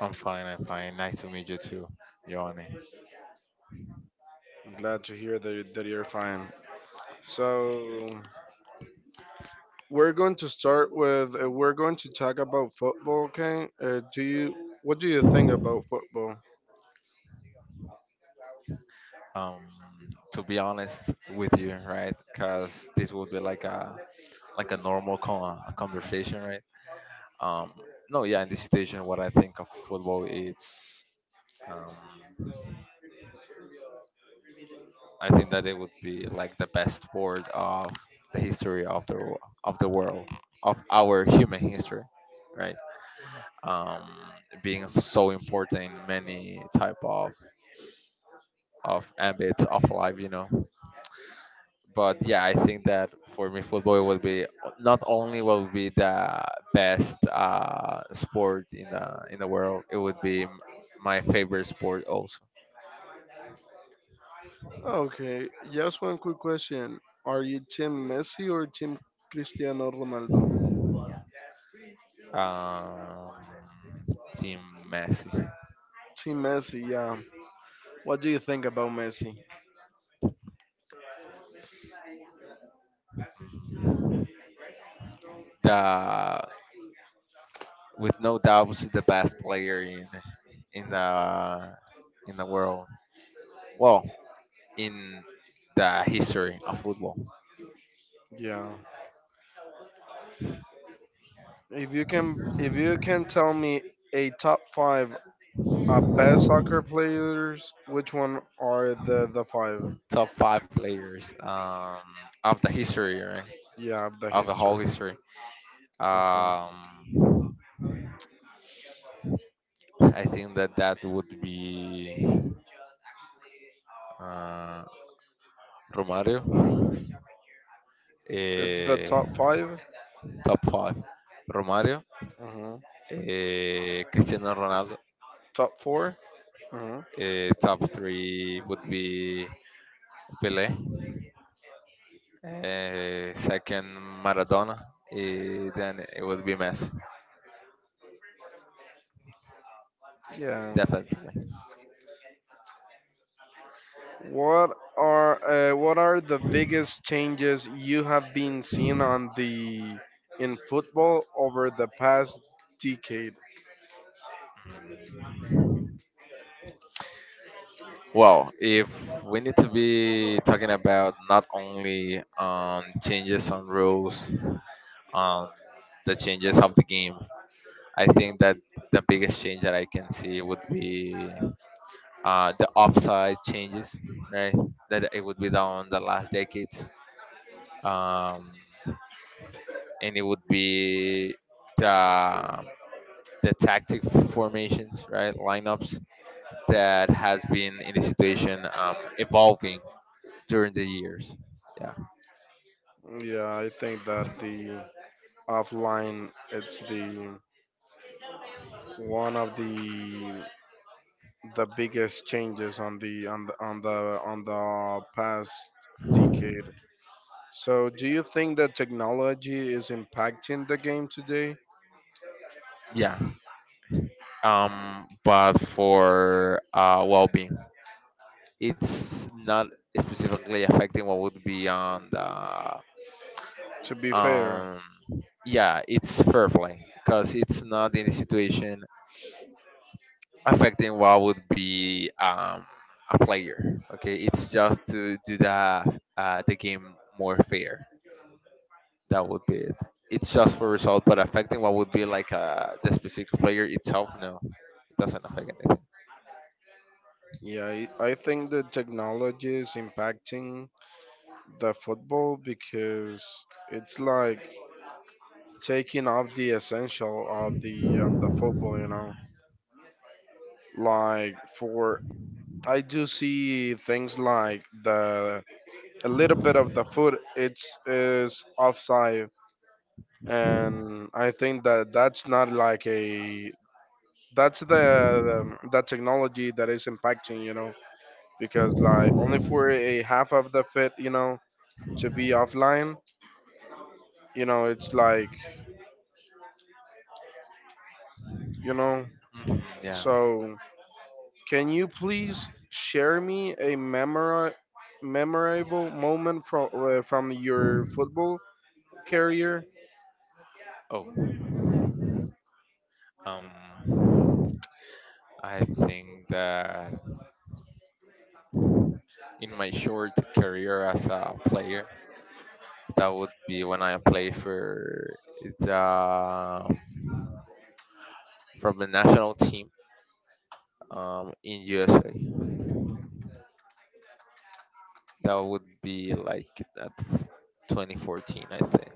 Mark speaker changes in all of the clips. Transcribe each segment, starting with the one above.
Speaker 1: I'm fine, I'm fine. Nice to meet you too, Johnny. Um, to be honest with you, right? Because this would be like a normal con- a conversation, right? Um, no, yeah, in this situation, what I think of football is, um, I think that it would be like the best sport of the history of the of the world of our human history, right? Um, Being so important in many type of ambits of life. But yeah, I think that for me, football would be not only will be the best sport in the world, it would be my favorite sport also. um, Team Messi, the with no doubts the best player in the in the world. Well, in the history of football, top five players of the history, right? Of the whole history. Um, I think that that would be uh, Romario, eh, top five. Romario, Cristiano Ronaldo. Top three would be Pele, second Maradona, then it would be Messi, definitely. Well, if we need to be talking about not only on changes on rules, on the changes of the game, I think that the biggest change that I can see would be the offside changes, right? That it would be done the last decades. Um, and it would be the the tactic formations, right, lineups that has been in the situation evolving during the years. Yeah, yeah. But for well-being, it's not specifically affecting what would be on the um. Yeah, it's fair play because it's not in the situation affecting what would be a player. Okay, it's just to do the game more fair. That would be it. It's just for result, but affecting what would be like the specific player itself. No, it doesn't affect anything. Mhm, yeah. Oh, um, I think that in my short career as a player, that would be when I play for the from the national team, in USA. That would be like at 2014, I think.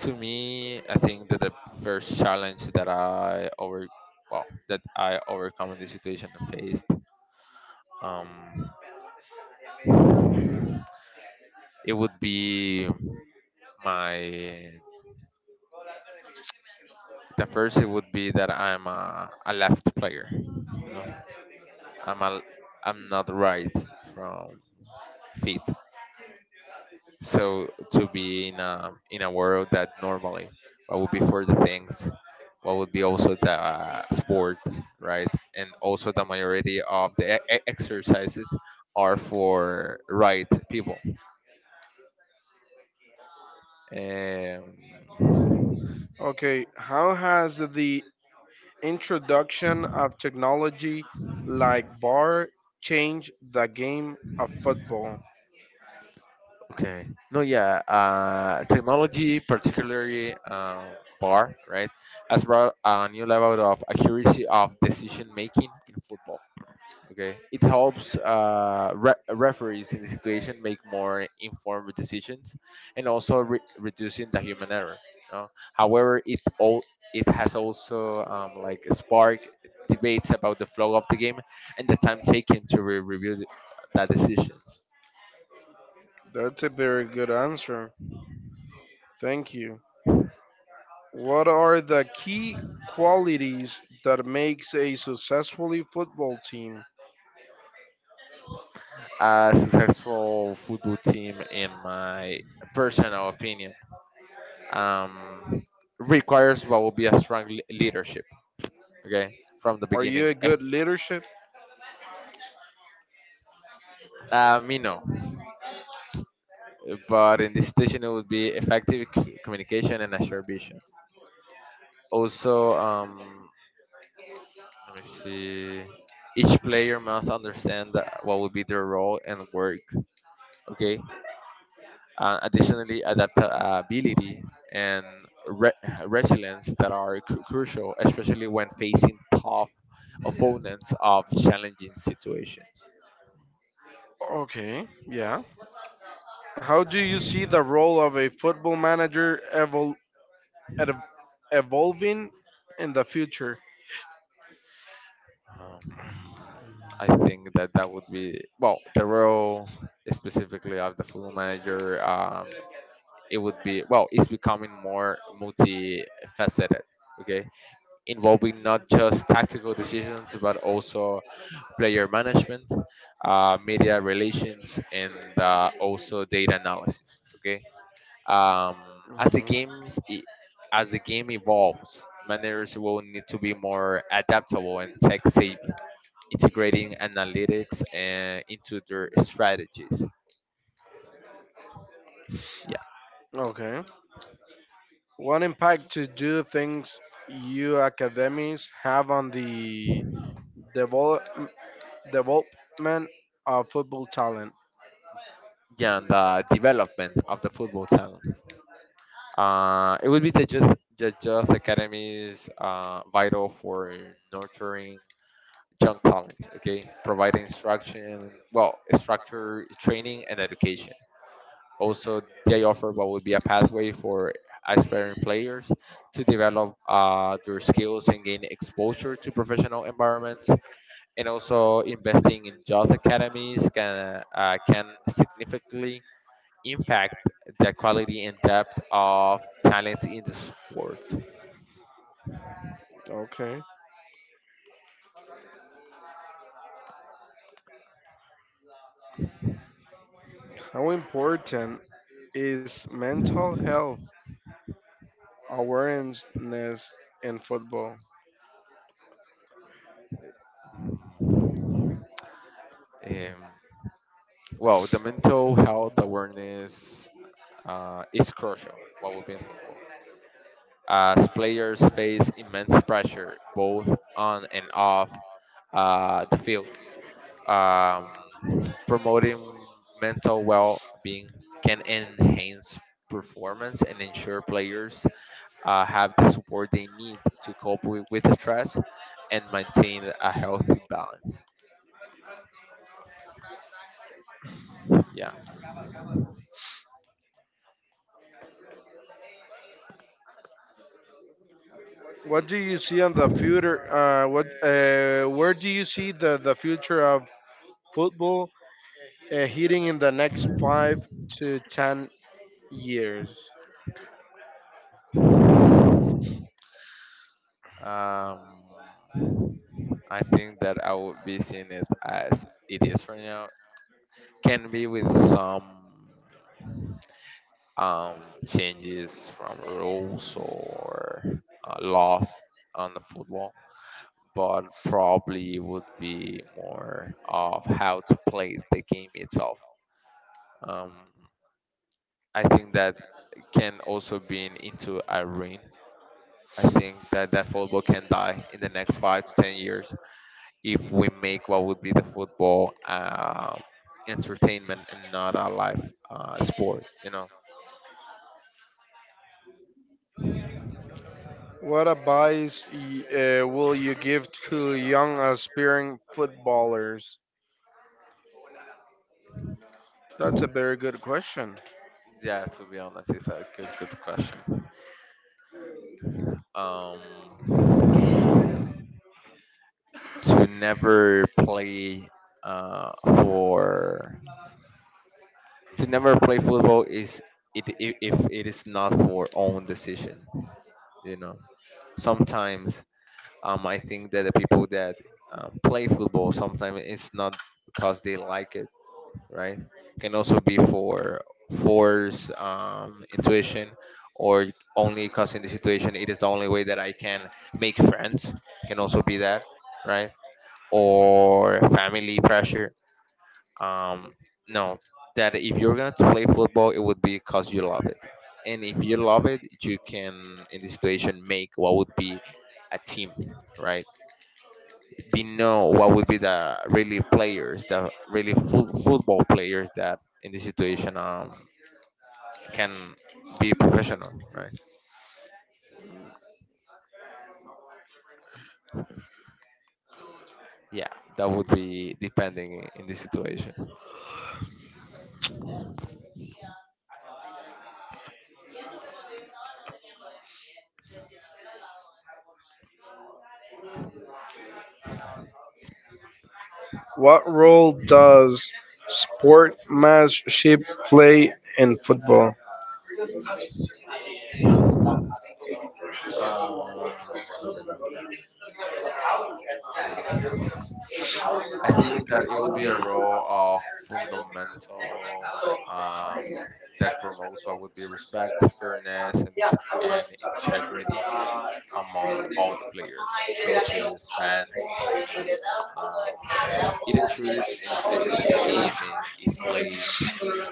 Speaker 1: To me, I think that the first challenge that I overcome in this situation and faced, um, it would be my the first. It would be that I'm a left player. I'm a I'm not right from feet. So to be in a world that normally what would be for the things, what would be also the sport, right, and also the majority of the exercises are for right people. um, okay, no, yeah, technology, particularly, bar, right, has brought a new level of accuracy of decision making in football. Okay, it helps referees in the situation make more informed decisions, and also reducing the human error. However, it has also like spark debates about the flow of the game and the time taken to review the decisions. A successful football team, in my personal opinion, um, requires what will be a strong leadership. Okay, from the beginning. Mino, but in this situation it would be effective communication and assumption. Also, let me see. Each player must understand what will be their role and work. Okay. Additionally, adaptability and re- resilience that are crucial, especially when facing tough opponents of challenging situations. Um, I think that that would be well the role specifically of the football manager. It would be well, it's becoming more multifaceted, okay, involving not just tactical decisions but also player management, media relations, and also data analysis, okay. As the as the game evolves, managers will need to be more adaptable and tech savvy, integrating analytics into their strategies. Yeah, yeah. And the development of the football talent. It would be the youth academies, vital for nurturing young talent. Okay, providing instruction, well, structure, training, and education. Also, they offer what would be a pathway for aspiring players to develop their skills and gain exposure to professional environments. And also, investing in youth academies can significantly impact the quality and depth of talent in the sport. Um, well, the mental health awareness is crucial while we in football. As players face immense pressure both on and off the field, um, promoting mental well being can enhance performance and ensure players have the support they need to cope with stress and maintain a healthy balance. Yeah. Um, I think that I would be seeing it as it is right now. Can be with some changes from rules or laws on the football, but probably would be more of how to play the game itself. Um, I think that can also be into Irene. I think that that football can die in the next 5 to 10 years if we make what would be the football entertainment and not a life sport. You know? Yeah. To be honest, it's a good question. Um, to never play uh, for football is if it is not for own decision. You know, sometimes. I think that the people that play football, sometimes it's not because they like it, right? Can also be for force, intuition, or only because in the situation it is the only way that I can make friends. Can also be that, right? Or family pressure. Um, no, that if you're gonna play football, it would be because you love it. And if you love it, you can, in this situation, make what would be a team, right? We know what would be the really players, the really full football players that in this situation can be professional, right? Yeah, that would be depending in this situation. Um, I think that it would be a role of fundamental, um, that promotes what would be respect, fairness, and integrity among all the players, coaches, fans. Um, It ensures in the situation that the game is played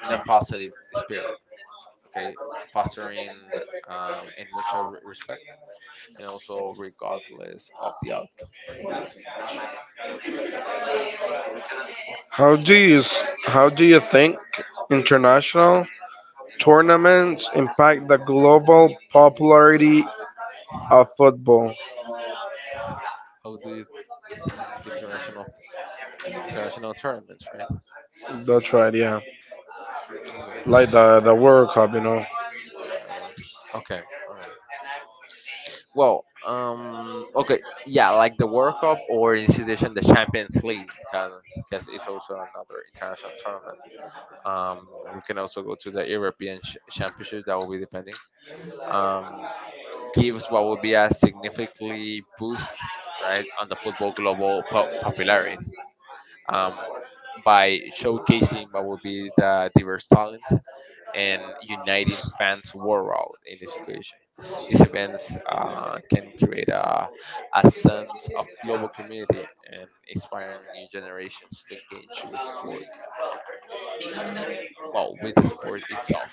Speaker 1: in a positive spirit, okay, fostering, and mutual respect, and also regardless of the outcome. Yeah. How do you think international tournaments, right? Okay. Okay. All right. Well, okay, yeah, like the World Cup, or in this edition the Champions League, because it's also another international tournament. Um, we can also go to the European Championship. That will be depending. um, Gives what would be a significantly boost, right, on the football global popularity, um, by showcasing what would be the diverse talent and uniting fans worldwide in this situation. These events can create a sense of global community and inspiring new generations to engage with sport. Well, with the sport itself.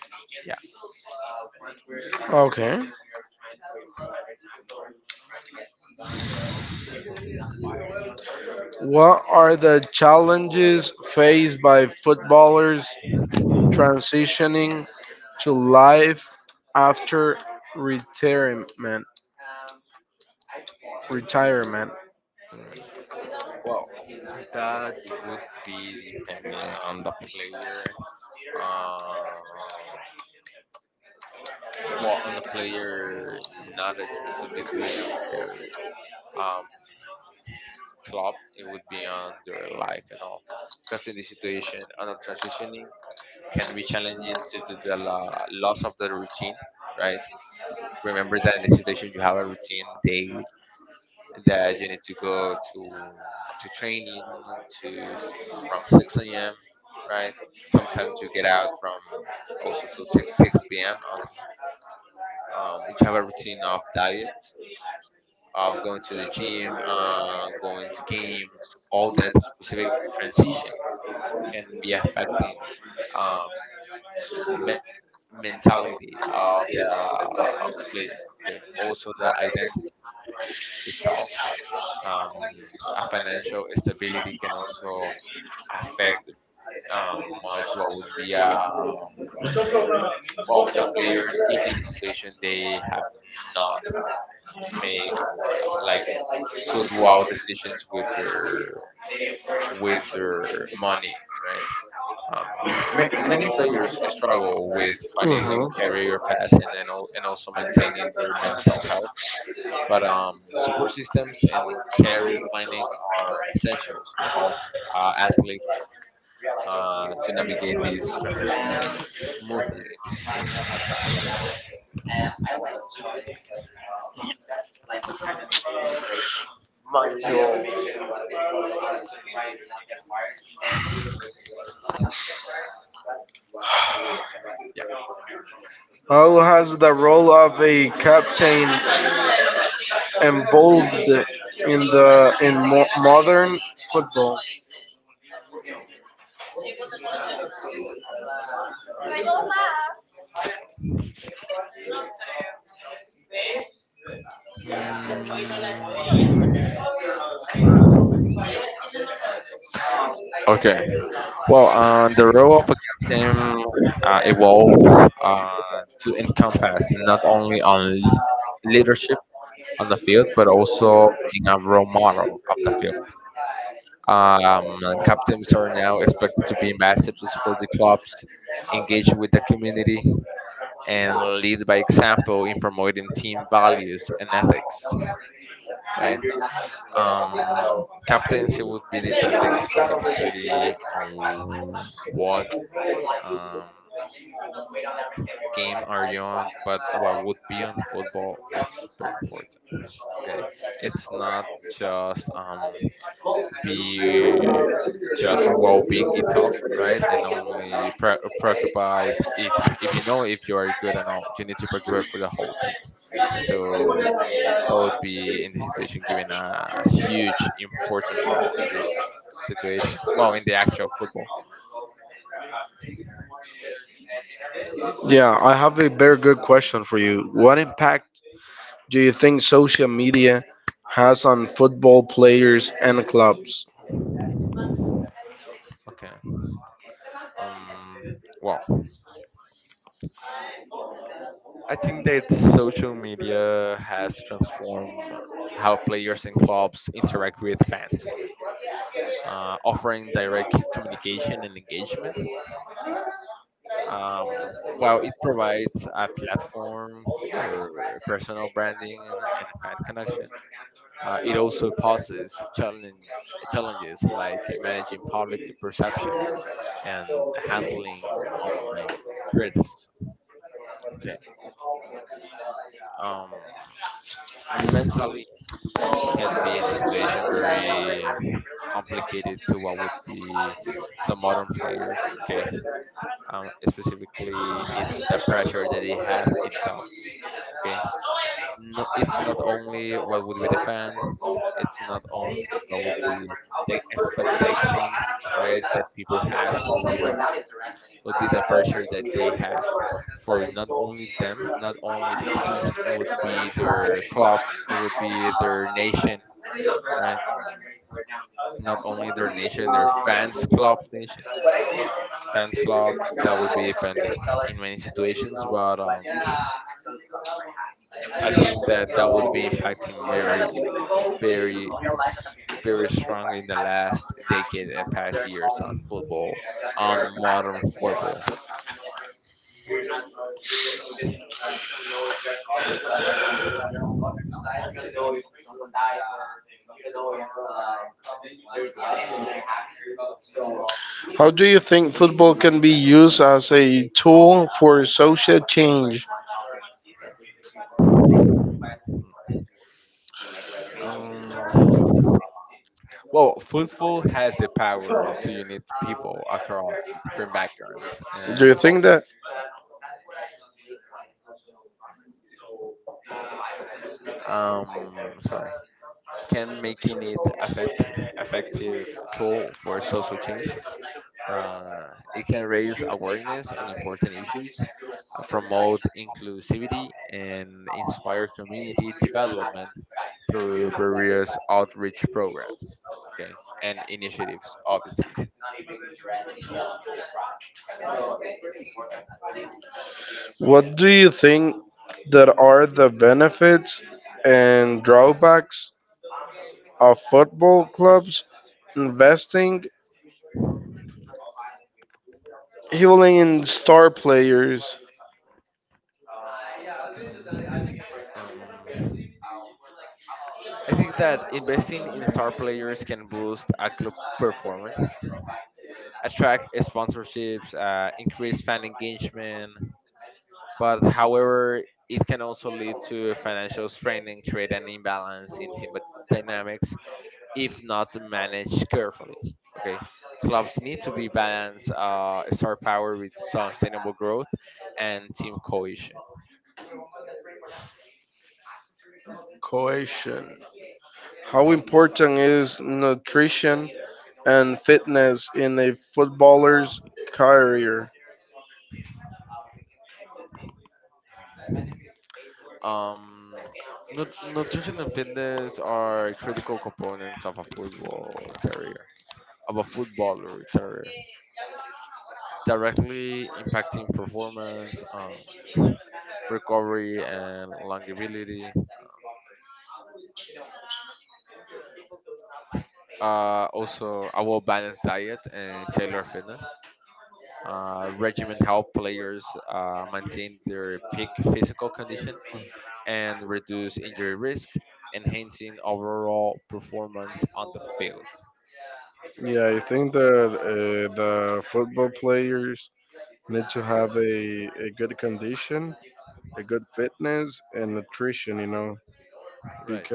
Speaker 1: Yeah. Well, that would be depending on the player. Uh, well, on the player, not specifically on their um, club. It would be on their life and all. Because in this situation, on a transitioning can be challenging due to the loss of the routine, right? Remember that in this situation you have a routine daily, that you need to go to training to s- from 6 a.m., right? Sometimes you get out from also so 6 p.m. until, we have a routine of diet, of going to the gym, going to games. All that specific transition can be affecting um, me- mentality of the player. Okay, also the identity itself. Um, a financial stability can also affect um, much what would be well, the players, if in this situation they have not make like good wow decisions with their money, right. um, Many players struggle with finding a career path, and then and also maintaining their mental health, but support systems and career planning are essentials to help athletes to navigate this transition smoothly in this situation. Yeah, yeah. Mm, okay. Well, the role of a captain evolved to encompass not only on leadership on the field, but also being a role model of the field. Captains are now expected to be ambassadors for the clubs, engage with the community, and lead by example in promoting team values and ethics. Right. Captaincy would be depending specifically on what um, game are you on, but what would be on football is very important. Okay, it's not just be just well-being itself, right? And only preoccupied if you are good and all, you need to preoccupy for the whole team. So that would be in this situation given a huge important role in this situation. Well, in the actual football. Okay. Well, I think that social media has transformed how players and clubs interact with fans, offering direct communication and engagement. Um, while it provides a platform for personal branding and fan connection. It also poses challenges like managing public perception and handling online criticism. Okay. Um, Mentally, it can be in the situation very complicated to what would be the modern players. Okay. Specifically, it's the pressure that they have itself. Okay. not It's not only what would be the fans, it's not only what would be the expectations, right, that people has from them. Would be the pressure that they have for not only them, not only the team, it would be their club, it would be their nation, right? Not only their nation, their fans, club, nation, fans, club. That would be depending in many situations, but I think that that would be impacting very, very, very strong in the last decade and past years on football, on modern football. Um, well, football has the power to unite people across different backgrounds and culture. Sorry, can making it effective tool for social change. It can raise awareness on important issues, promote inclusivity, and inspire community development through various outreach programs, okay, and initiatives, obviously. Um, I think that investing in star players can boost a club performance, attract sponsorships, increase fan engagement. But however, it can also lead to financial strain and create an imbalance in team dynamics if not managed carefully. Okay, clubs need to be balance star power with sustainable growth and team cohesion. Co- Um, Nutrition and fitness are critical components of a football career, of a footballer career, directly impacting performance, recovery, and longevity. Also a well balanced diet and tailored fitness. Regimen help players maintain their peak physical condition and reduce injury risk, enhancing overall performance on the field. Right.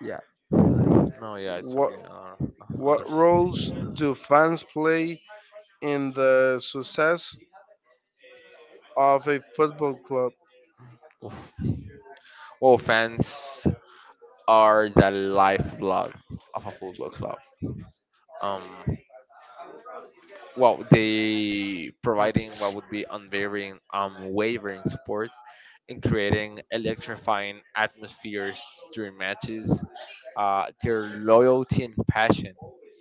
Speaker 1: Yeah. No, yeah, I totally understand. Well, fans are the lifeblood of a football club. Um, well, they providing what would be unwavering support in creating electrifying atmospheres during matches. Their loyalty and passion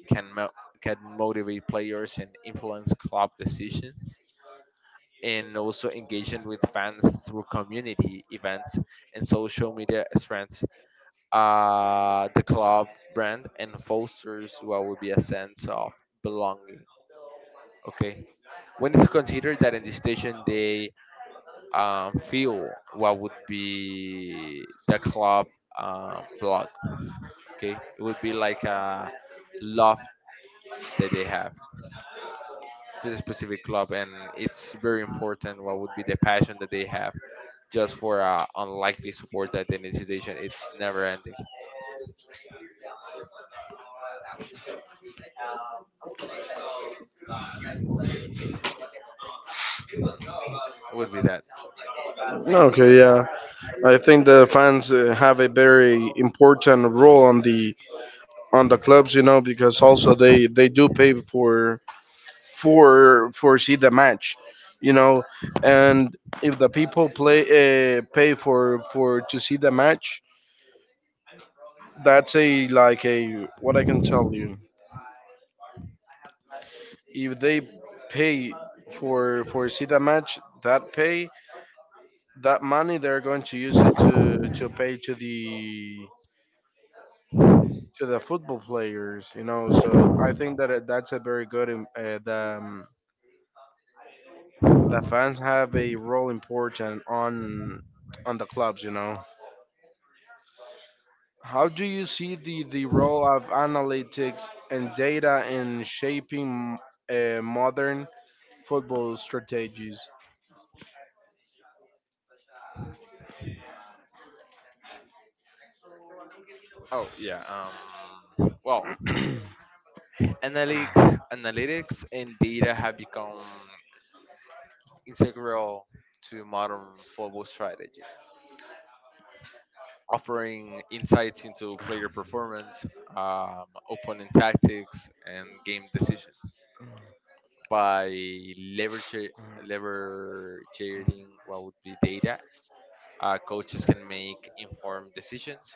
Speaker 1: can mo- can motivate players and influence club decisions, and also engaging with fans through community events and social media strengths the club brand and fosters what would be a sense of belonging. Okay, we need to consider that in the station they feel what would be the club blood. Okay, it would be like a love that they have to the specific club, and it's very important what would be the passion that they have just for unlikely support that in the station it's never ending. It would be that. Oh yeah. Well, analytics and data have become integral to modern football strategies, offering insights into player performance, opponent tactics, and game decisions by leveraging leveraging what would be data. Coaches can make informed decisions,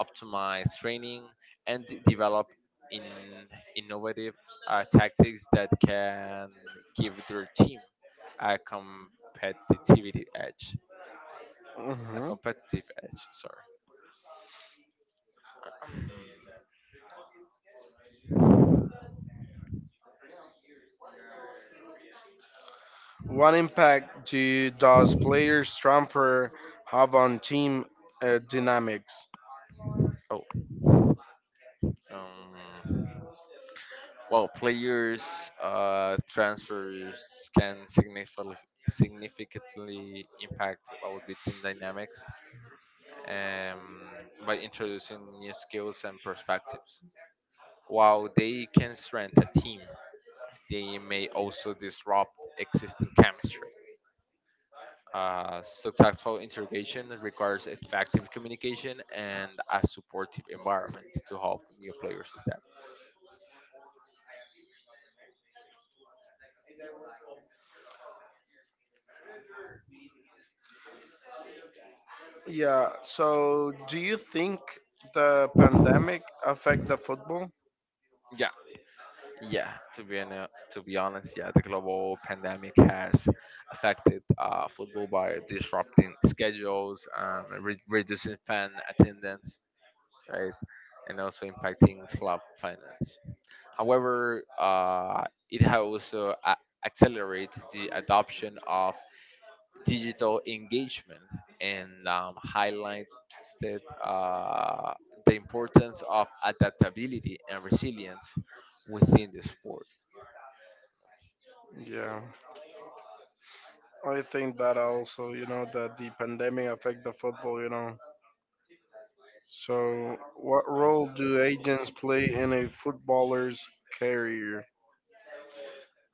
Speaker 1: optimize training, and develop in innovative tactics that can give their team a competitive edge. A competitive edge. Sorry. Um, Oh. Um, Well, players' transfers can significantly impact what would be team dynamics, um, by introducing new skills and perspectives. While they can strengthen a team, they may also disrupt existing chemistry. Successful integration requires effective communication and a supportive environment to help new players adapt. Yeah. Yeah, to be honest, yeah, the global pandemic has affected football by disrupting schedules, and reducing fan attendance, right, and also impacting club finance. However, it has also accelerated the adoption of digital engagement and highlighted uh, the importance of adaptability and resilience within the sport.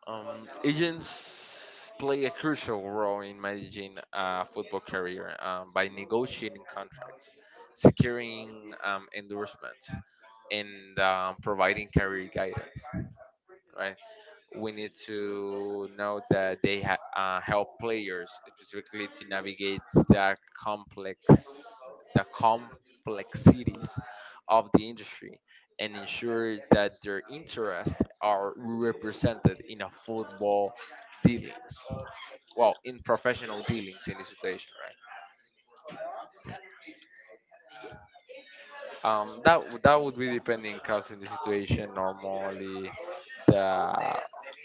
Speaker 1: Agents play a crucial role in managing a football career, by negotiating contracts, securing endorsements, and providing career guidance. Right? We need to know that they help players specifically to navigate complex the complexities of the industry and ensure that their interests are represented in a football dealings, well, in professional dealings in this situation, right? That would be depending because in this situation, normally the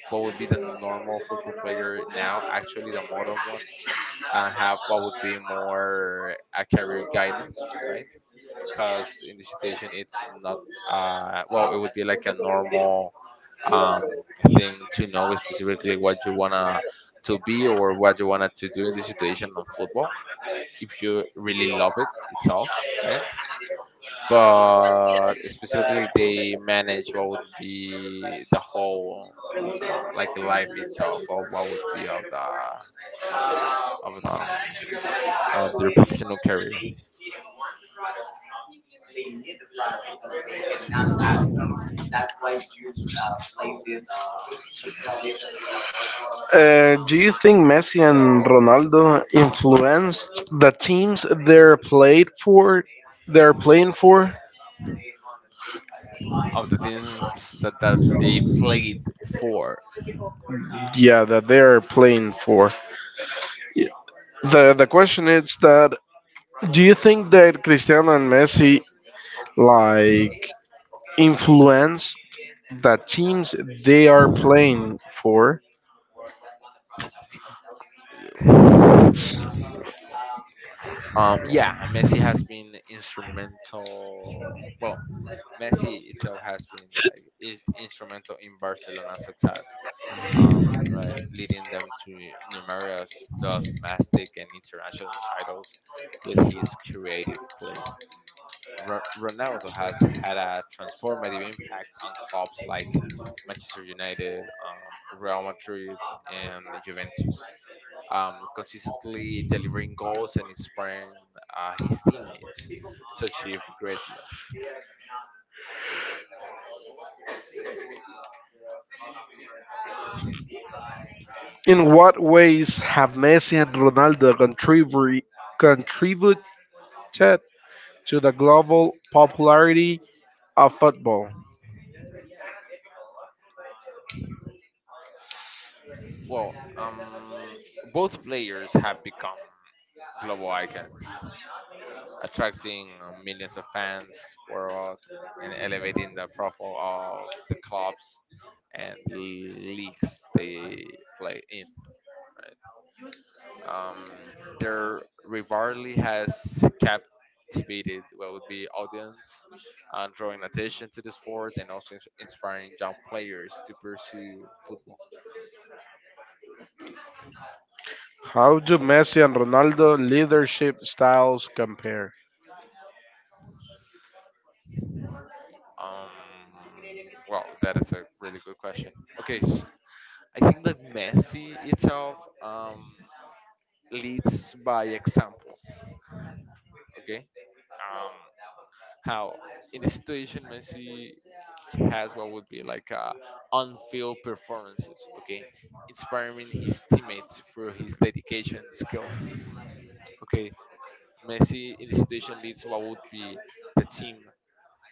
Speaker 1: what would be the normal football player, now actually the modern one, and have what would be more a career guidance, right? Because in this situation, it's not, well, it would be like a normal um, thing to know specifically what you wanna to be or what you wanna to do in this situation on football if you really love it itself, right? But specifically, they manage what would be the whole. Like life itself, or what would be of um, of their professional career, of the teams that they played for. Yeah, Messi has been instrumental. Well, Messi itself has been like is instrumental in Barcelona's success, um, right, leading them to numerous domestic and international titles with his creative play. Ronaldo has had a transformative impact on clubs like Manchester United, Real Madrid, and Juventus, consistently delivering goals and inspiring his teammates to achieve greatness. Well, both players have become global icons, attracting millions of fans worldwide and elevating the profile of the clubs and leagues they play in. Right? Their rivalry has captivated what would be audience, drawing attention to the sport and also inspiring young players to pursue football. Um, well, that is a really good question. Okay, s I think that Messi itself, Um, leads by example. Okay, um, how in this situation Messi has what would be like a on-field performances. Okay, inspiring his teammates through his dedication and skill. Okay, Messi in this situation leads what would be the team,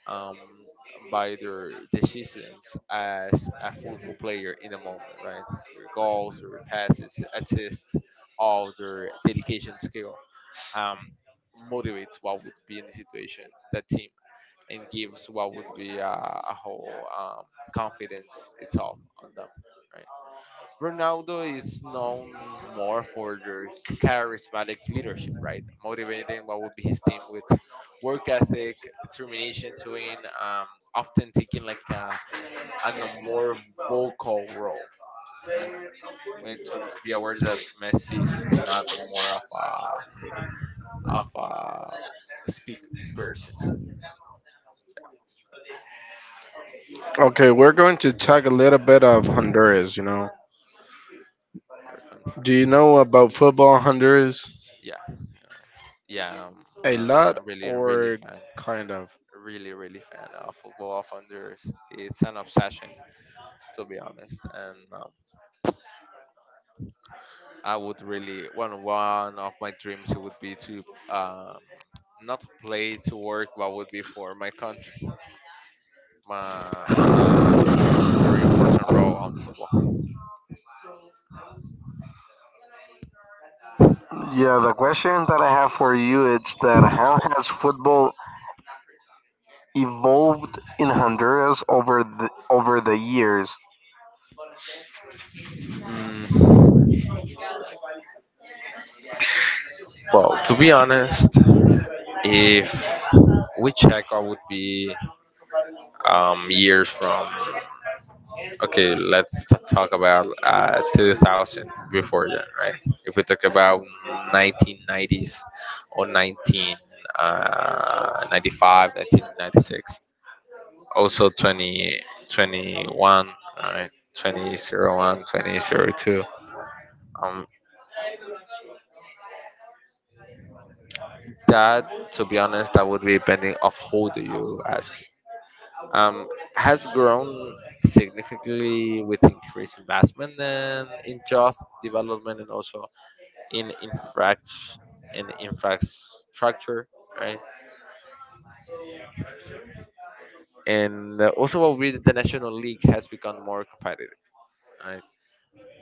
Speaker 1: um, by their decisions as a football player in the moment, right? Their goals, their passes, assists, all their dedication skill, um, motivates what would be in the situation, the team, and gives what would be a whole confidence itself on them. Right? Ronaldo is known more for their charismatic leadership, right? Motivating what would be his team with work ethic, determination to win, often taking like a more vocal role, right? We need to be aware that Messi is not more of a speak person our country. Yeah, yeah, I'm a really, really fan, a really, really fan of football of Honduras. It's an obsession, to be honest. And I would really one of my dreams would be to um, not play to work, but would be for my country, my and a very important role on football.
Speaker 2: Yeah, the question that I have for you is that how has football evolved in Honduras over the years?
Speaker 1: Mm, well, to be honest, if we check what would be years from, okay, let's talk about 2000 before that, right? If we talk about 1990s or 19 uh, 1996, also 2021, right, 2001, 2002, um that, to be honest, that would be depending of who do you ask. um, has grown significantly with increased investment and in job development and also in infrastructure in infrastructure, right? And also, what we the national league has become more competitive, right?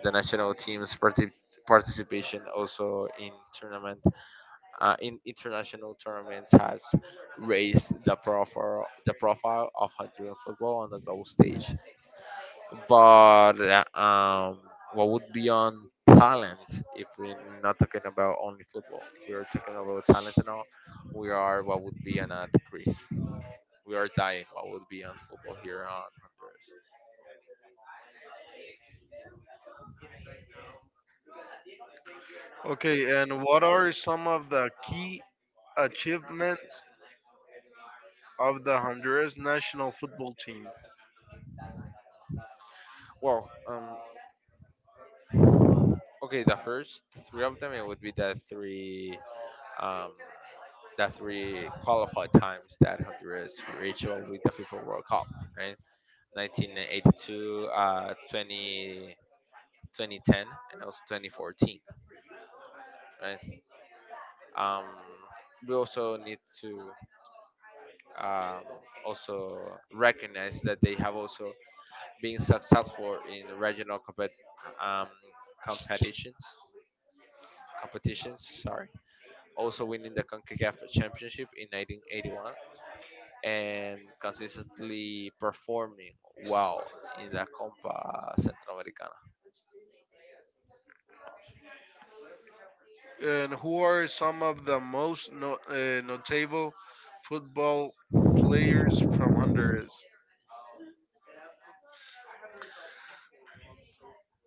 Speaker 1: The national team's parti- Participation also in tournament, in international tournaments has raised the profile of Honduran football on the global stage. But what would be on talent, if we're not talking about only football? If we are talking about talent and all, we are what would be an at decrease. We are dying. What would be on football here on Honduras? Well, okay, the first three of them it would be um, the three qualified times that Honduras reached out with the FIFA World Cup, right? 1982, 20 2010, and also 2014, right? um, we also need to um, also recognize that they have also been successful in regional um, competitions competitions, sorry, also winning the CONCACAF championship in 1981 and consistently performing well in the Copa Centroamericana.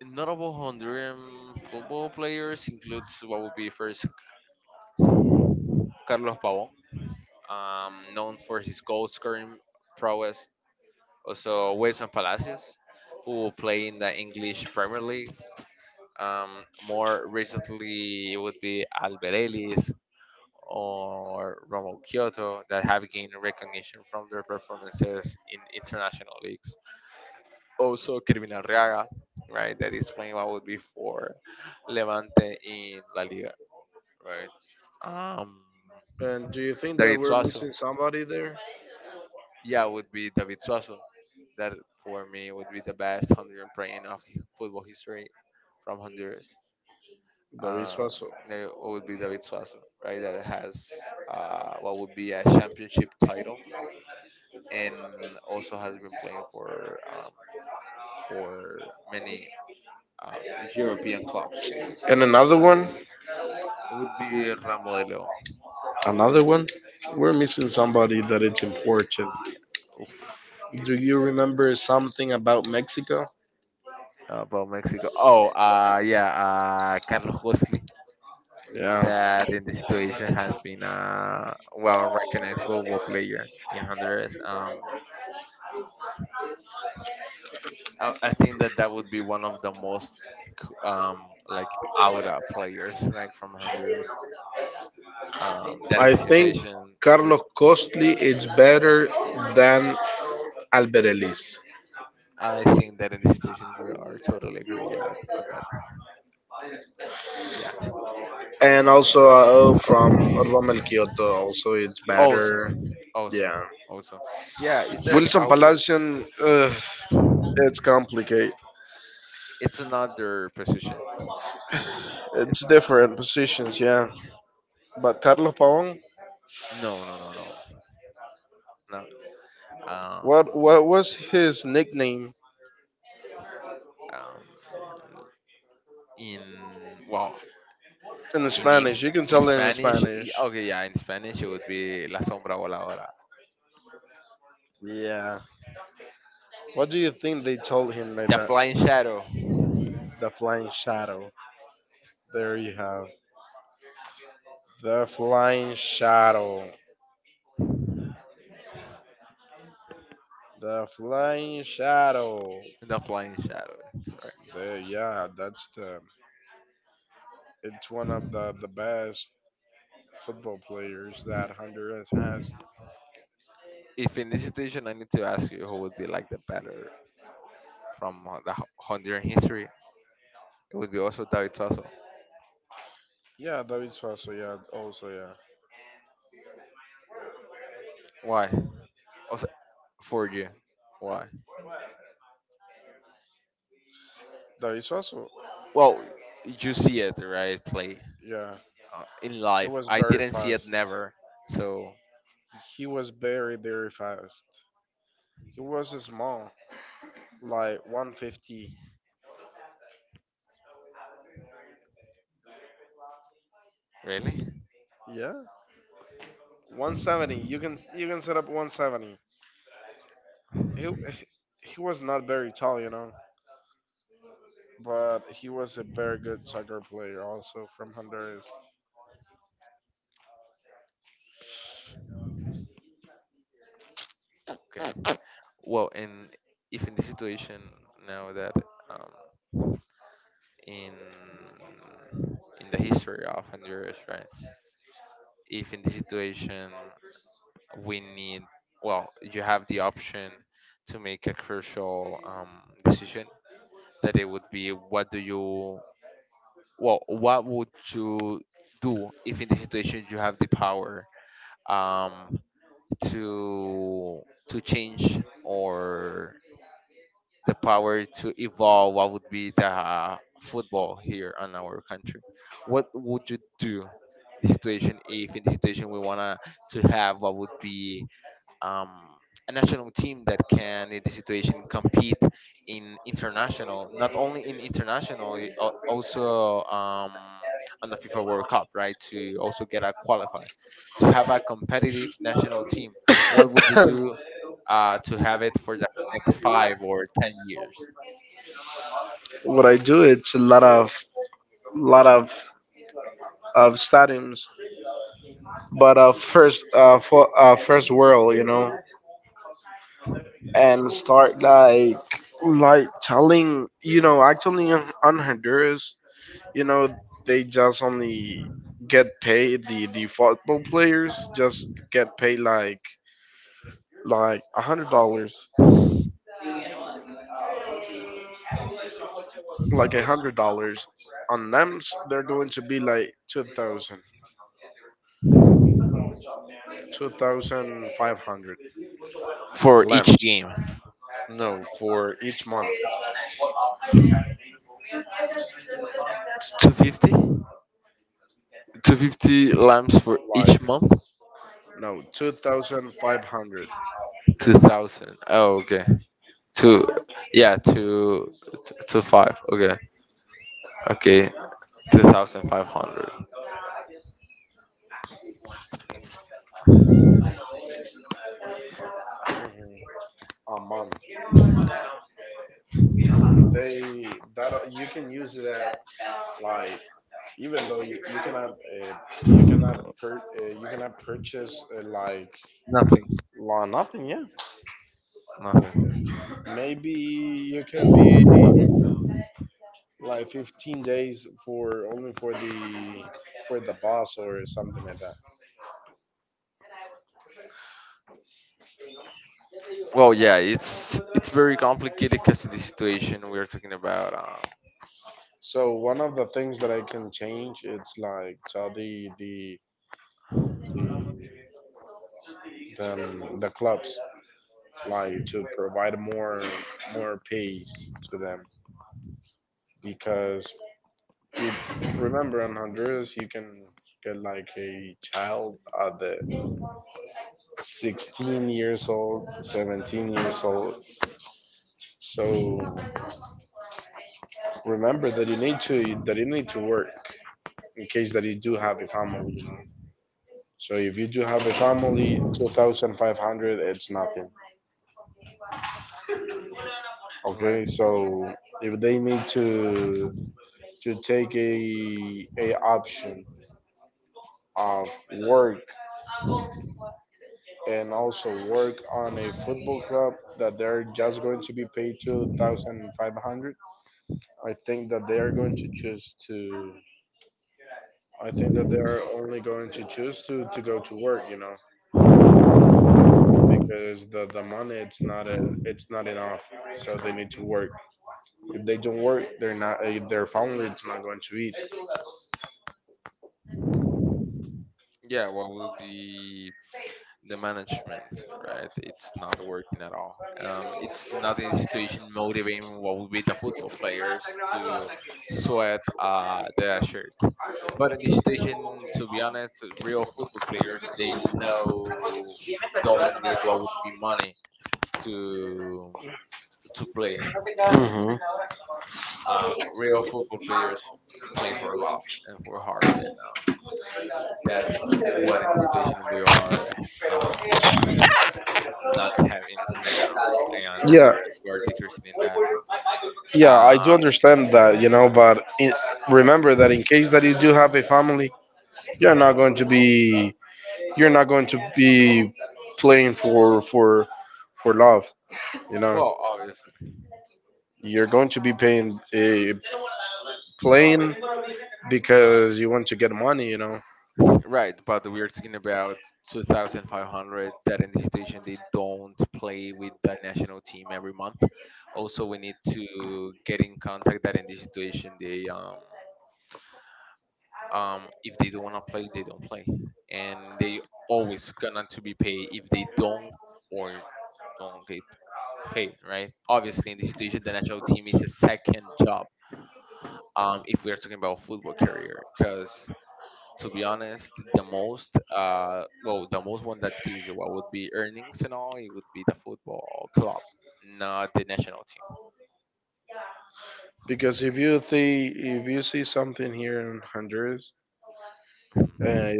Speaker 1: Notable Honduran football players includes what would be first Carlos Pavón, known for his goal scoring prowess. Also, Wilson Palacios, who will play in the English Premier League. More recently, it would be Alberelis or Romo Kyoto that have gained recognition from their performances in international leagues. Also, Kelvin Arriaga, right, that is playing what would be for Levante in La Liga, right? Um, David Suazo, yeah, would be David Suazo. That, for me, would be the best Honduran player of football history from Honduras. Um, no, it would be David Suazo, right? That has what would be a championship title, and also has been playing for many um, European clubs. It would be Ramon de Leon. Oof. About Mexico. Oh, yeah, Carlos Gosley, that in the situation has been a well recognized football player in Honduras. I think that that would be one of the most like aura players, right, from Honduras. That in the situation it would. I think that in the situation we are totally agree on that. Yeah. Also, also, also. Yeah, it's another position. It's, no, no, no, no, no. Um, in well in, Eng- in Spanish y- Okay, yeah, in Spanish it would be la sombra voladora, the flying shadow the flying shadow, right. If in this situation I need to ask you who would be like the better from the Honduran history, it would be also David Suazo. Why? Also, for you? Why? Well, you see it right play. In life I didn't see it never. So, really? Okay. Well, and if in the situation now that um, in in the history of Honduras, right? If in the situation we need, well, you have the option to make a crucial decision. That it would be, well, what would you do if in the situation you have the power um, to to change, or the power to evolve what would be the football here in our country? What would you do in the situation if in the situation we want to have what would be um, a national team that can, in this situation, compete in international, not only in international, also on the FIFA World Cup, right? To also get a qualify, to have a competitive national team. What would you do to have it for the next 5 or 10 years for each game? 250? 250 lamps for each month. 2000, oh, okay. Two, yeah, two, 25, okay, okay. 2,500. Nothing, nothing. Well, yeah, it's very complicated because of the situation we are talking about. All right. Correct. Yeah, what would be the management, right? It's not working at all. It's not in a situation motivating what would be the football players to sweat their shirt. But in this situation, to be honest, real football players, they know don't need what would be money to to play. You know, real football players play for love and for heart, and that's what in this situation we are. Um, Not having now and Honduras. We are decreasing in that. Uh, well, obviously, right. But we are talking about 2,500 that in the situation they don't play with the national team every month. Also, we need to get in contact that in this situation they if they don't wanna play, they don't play, and they always gonna to be paid if they don't or don't get paid, right? Obviously, in this situation, the national team is a second job if we are talking about football career, because to be honest the most well, the most one that gives you what would be earnings and all, it would be the football club, not the national team. Mhm.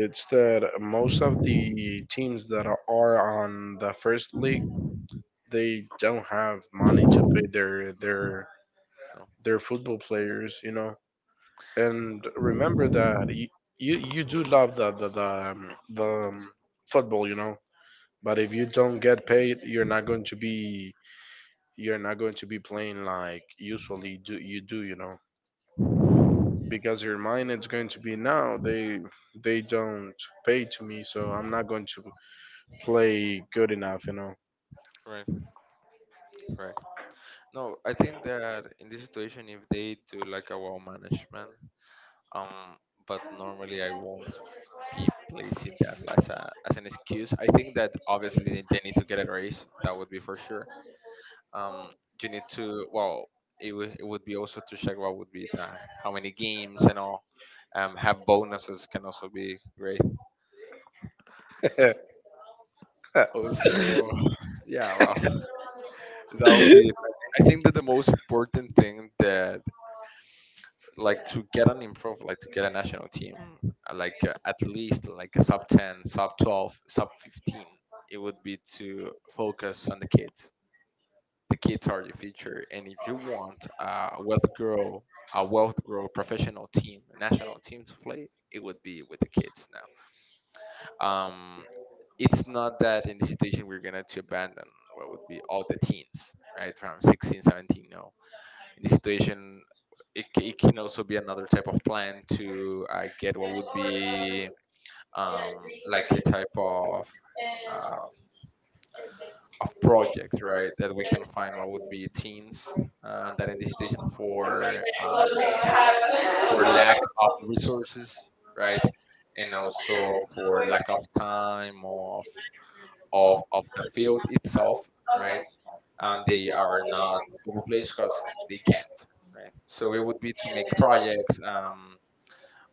Speaker 1: No, no. Right, right. No, I think that in this situation if they do like a well management. um but normally I won't be placing that as an excuse. I think that obviously they need to get a raise. That would be for sure. um, you need to, well, it would be also to check what would be the how many games and all. Have bonuses can also be great. Also. Yeah, wow. That would be, I think that the most important thing that, like to get an improve, like to get a national team, like at least like a sub 10, sub 12, sub 15, it would be to focus on the kids. The kids are the future. And if you want a wealth grow professional team, a national team to play, it would be with the kids now. Um, it's not that in the situation we're gonna to abandon what would be all the teens, right? From 16, 17. No. In the situation it can also be another type of plan to get what would be like a type uh, of projects, right, that we can find what would be teens, that in this station for lack of resources, right, and also for lack of time of the field itself, right, and they are not football players because they can't, right. So it would be to make projects,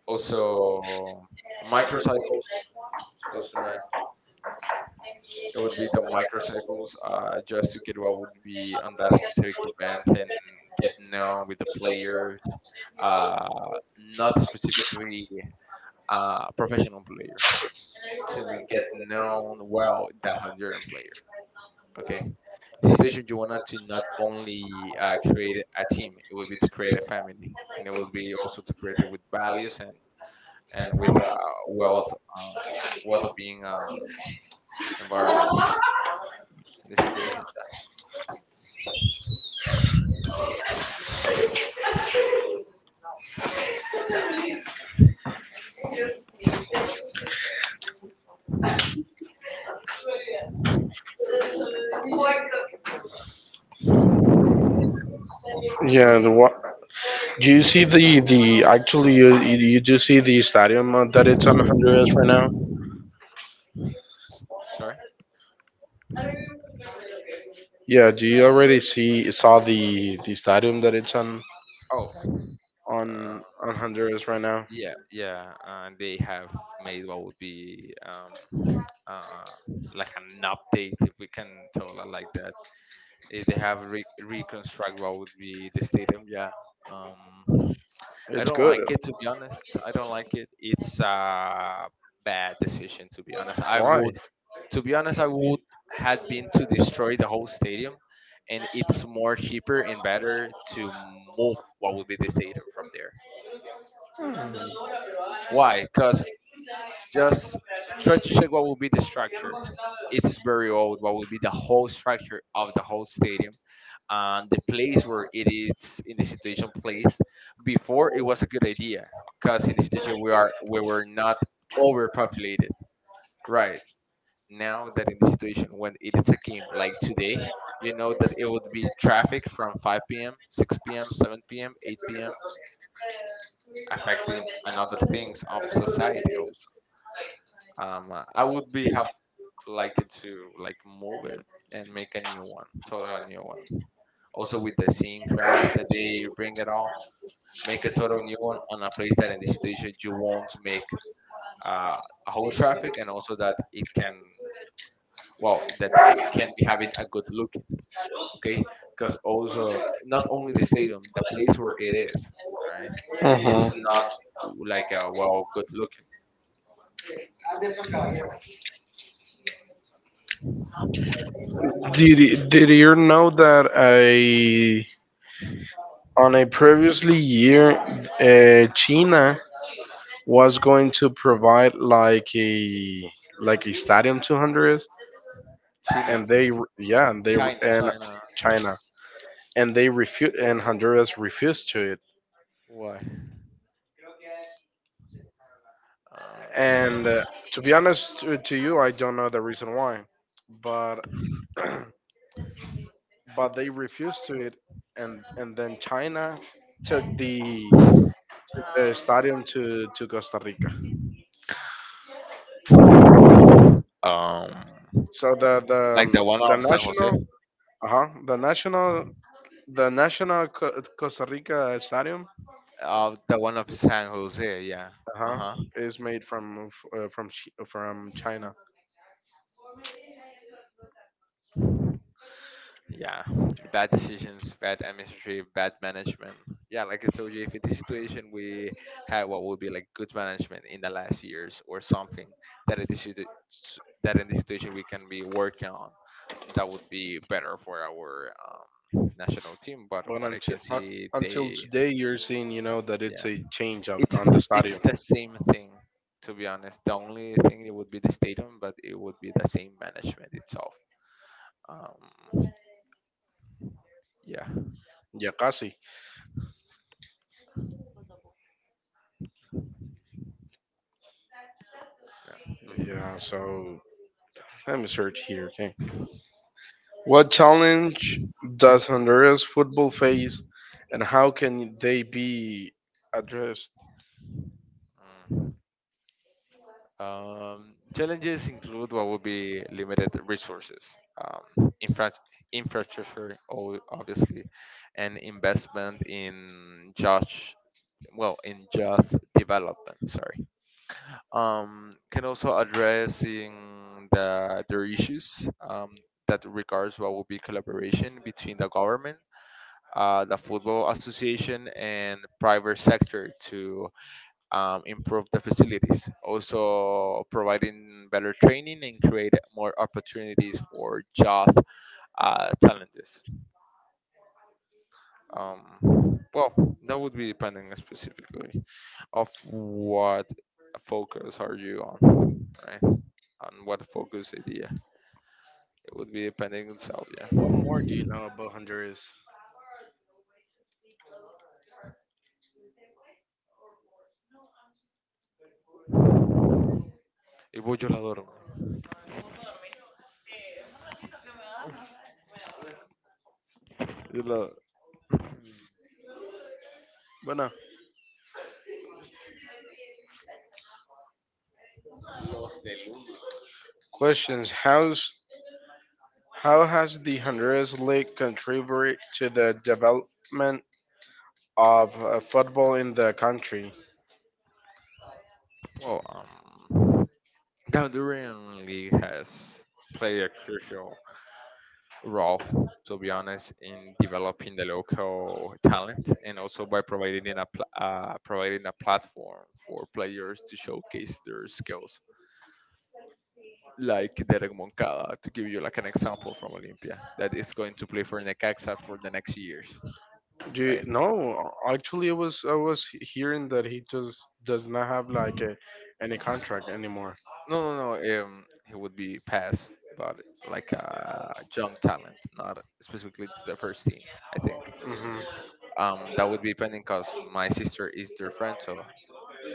Speaker 1: also microcycles. Also, right, it would be the microcycles, just to get what would be on that specific event and get known with the players, uh, not specifically a professional player, to get known well the Honduran player. Okay. Situation you wanted to not only create a team, it would be to create a family, and it would be also to create it with values and with wealth, um, wealth being environment in this situation, yeah. S- Sorry? Oh, uh, yeah, yeah. They have made what would be uh, like an update, if we can tell it like that. They have reconstruct what would be the stadium. Yeah. Um, I don't like it, to be honest. I don't like it. It's a bad decision, to be honest. To be honest, I would had been to destroy the whole stadium, and it's more cheaper and better to move what would be the stadium from there. Why? Because just try to check what will be the structure. It's very old. What will be the whole structure of the whole stadium and the place where it is in the situation placed? Before it was a good idea because in the situation we were not overpopulated. Right now that in the situation when it is a game like today, you know that it would be traffic from 5 p.m., 6 p.m., 7 p.m., 8 p.m. affecting another things of society also. I would be have liked it to like move it and make a new one, total new one, also with the same grass that they bring it all, make a total new one on a place that in this situation you want to make uh, a whole traffic and also that it can, well, that can be having a good look. Okay. Because also, not only the stadium, the place where it is, right, it's not like a wow good looking. China. China, china. Why? Uh, um, like the one of San Jose. Of the one of San Jose, yeah. Uh huh. Yeah. Bad decisions, bad administrative, bad management. Yeah, like I told you, if in this situation we had what would be like good management in the last years or something that in this situ- s- that in this situation we can be working on, that would be better for our national team. But what I can see, they, yeah. It's the same thing, to be honest, the only thing it would be the stadium, but it would be the same management itself. um yeah, yeah, mhm. Mm. Challenges include what would be limited resources, um, infra- infrastructure, obviously, and investment in just, well, in just development. Sorry, can also addressing their issues, that regards what would be collaboration between the government, the football association, and private sector to improve the facilities. Also, providing better training and create more opportunities for youth talents. Well, that would be depending specifically, of what focus are you on, right? On what focus idea. It would be depending on self, yeah. Y voy yo la adoro. You know, well, Honduran League has played a crucial role, to be honest, in developing the local talent and also by providing providing a platform for players to showcase their skills. Like Derek Moncada, to give you like an example from Olympia, that is going to play for Necaxa for the next years, right? No, no, no. He would be passed, but like a young talent, not specifically to the first team. I think that would be pending because my sister is their friend, so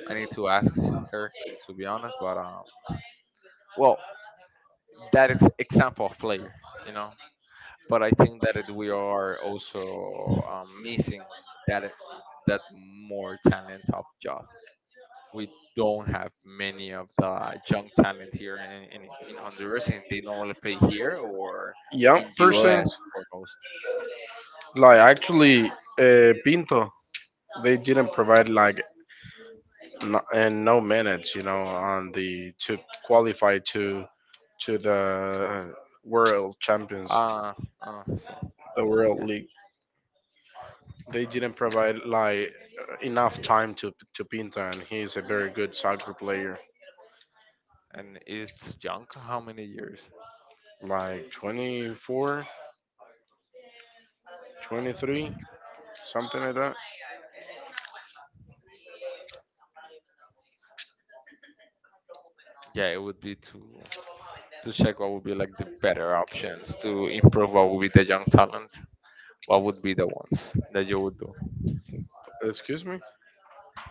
Speaker 1: I need to ask her, to be honest, but well, that is example of player, you know. But I think that we are also missing that that more talent of Josh. We don't have many of the young talent here in Honduras, and they normally play here or in US foremost. Uh, so, yeah, and it's young. How many years? Yeah, it would be two. To check what would be like the better options to improve what would be the young talent. What would be the ones that you would do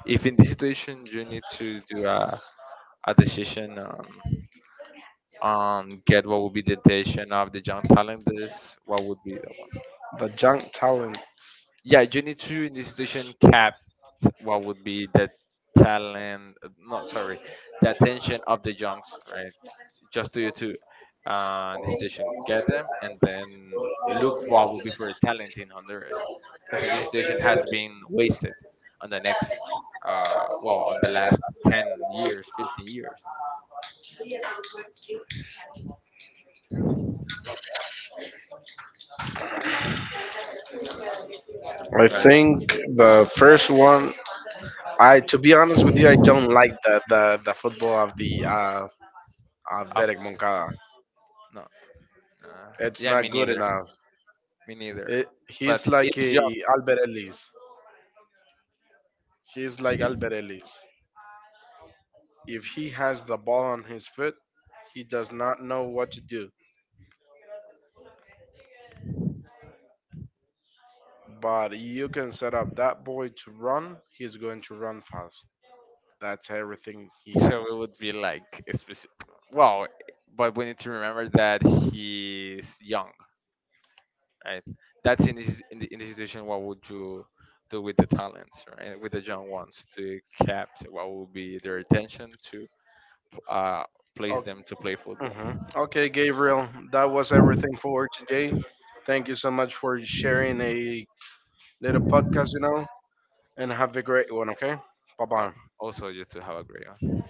Speaker 1: if in this situation you need to do a decision on get what would be the decision of the young talent. This what would be the one? Yeah, you need to, in this situation, cap what would be the talent, not, sorry, the attention of the junks, right, just do you to the situation, get them, and then look what will be for a talent in Honduras, because this situation has been wasted on the next, well, on the last 10 years, 15 years, right? I've, no, uh, yeah, me neither, me neither. But it's young, so it would be like, well, but we need to remember that he's young, right? That's in the situation. What would you do with the talents, right? With the young ones to capture what would be their attention to uh place them to play football. Uh, Also, just to have a great one.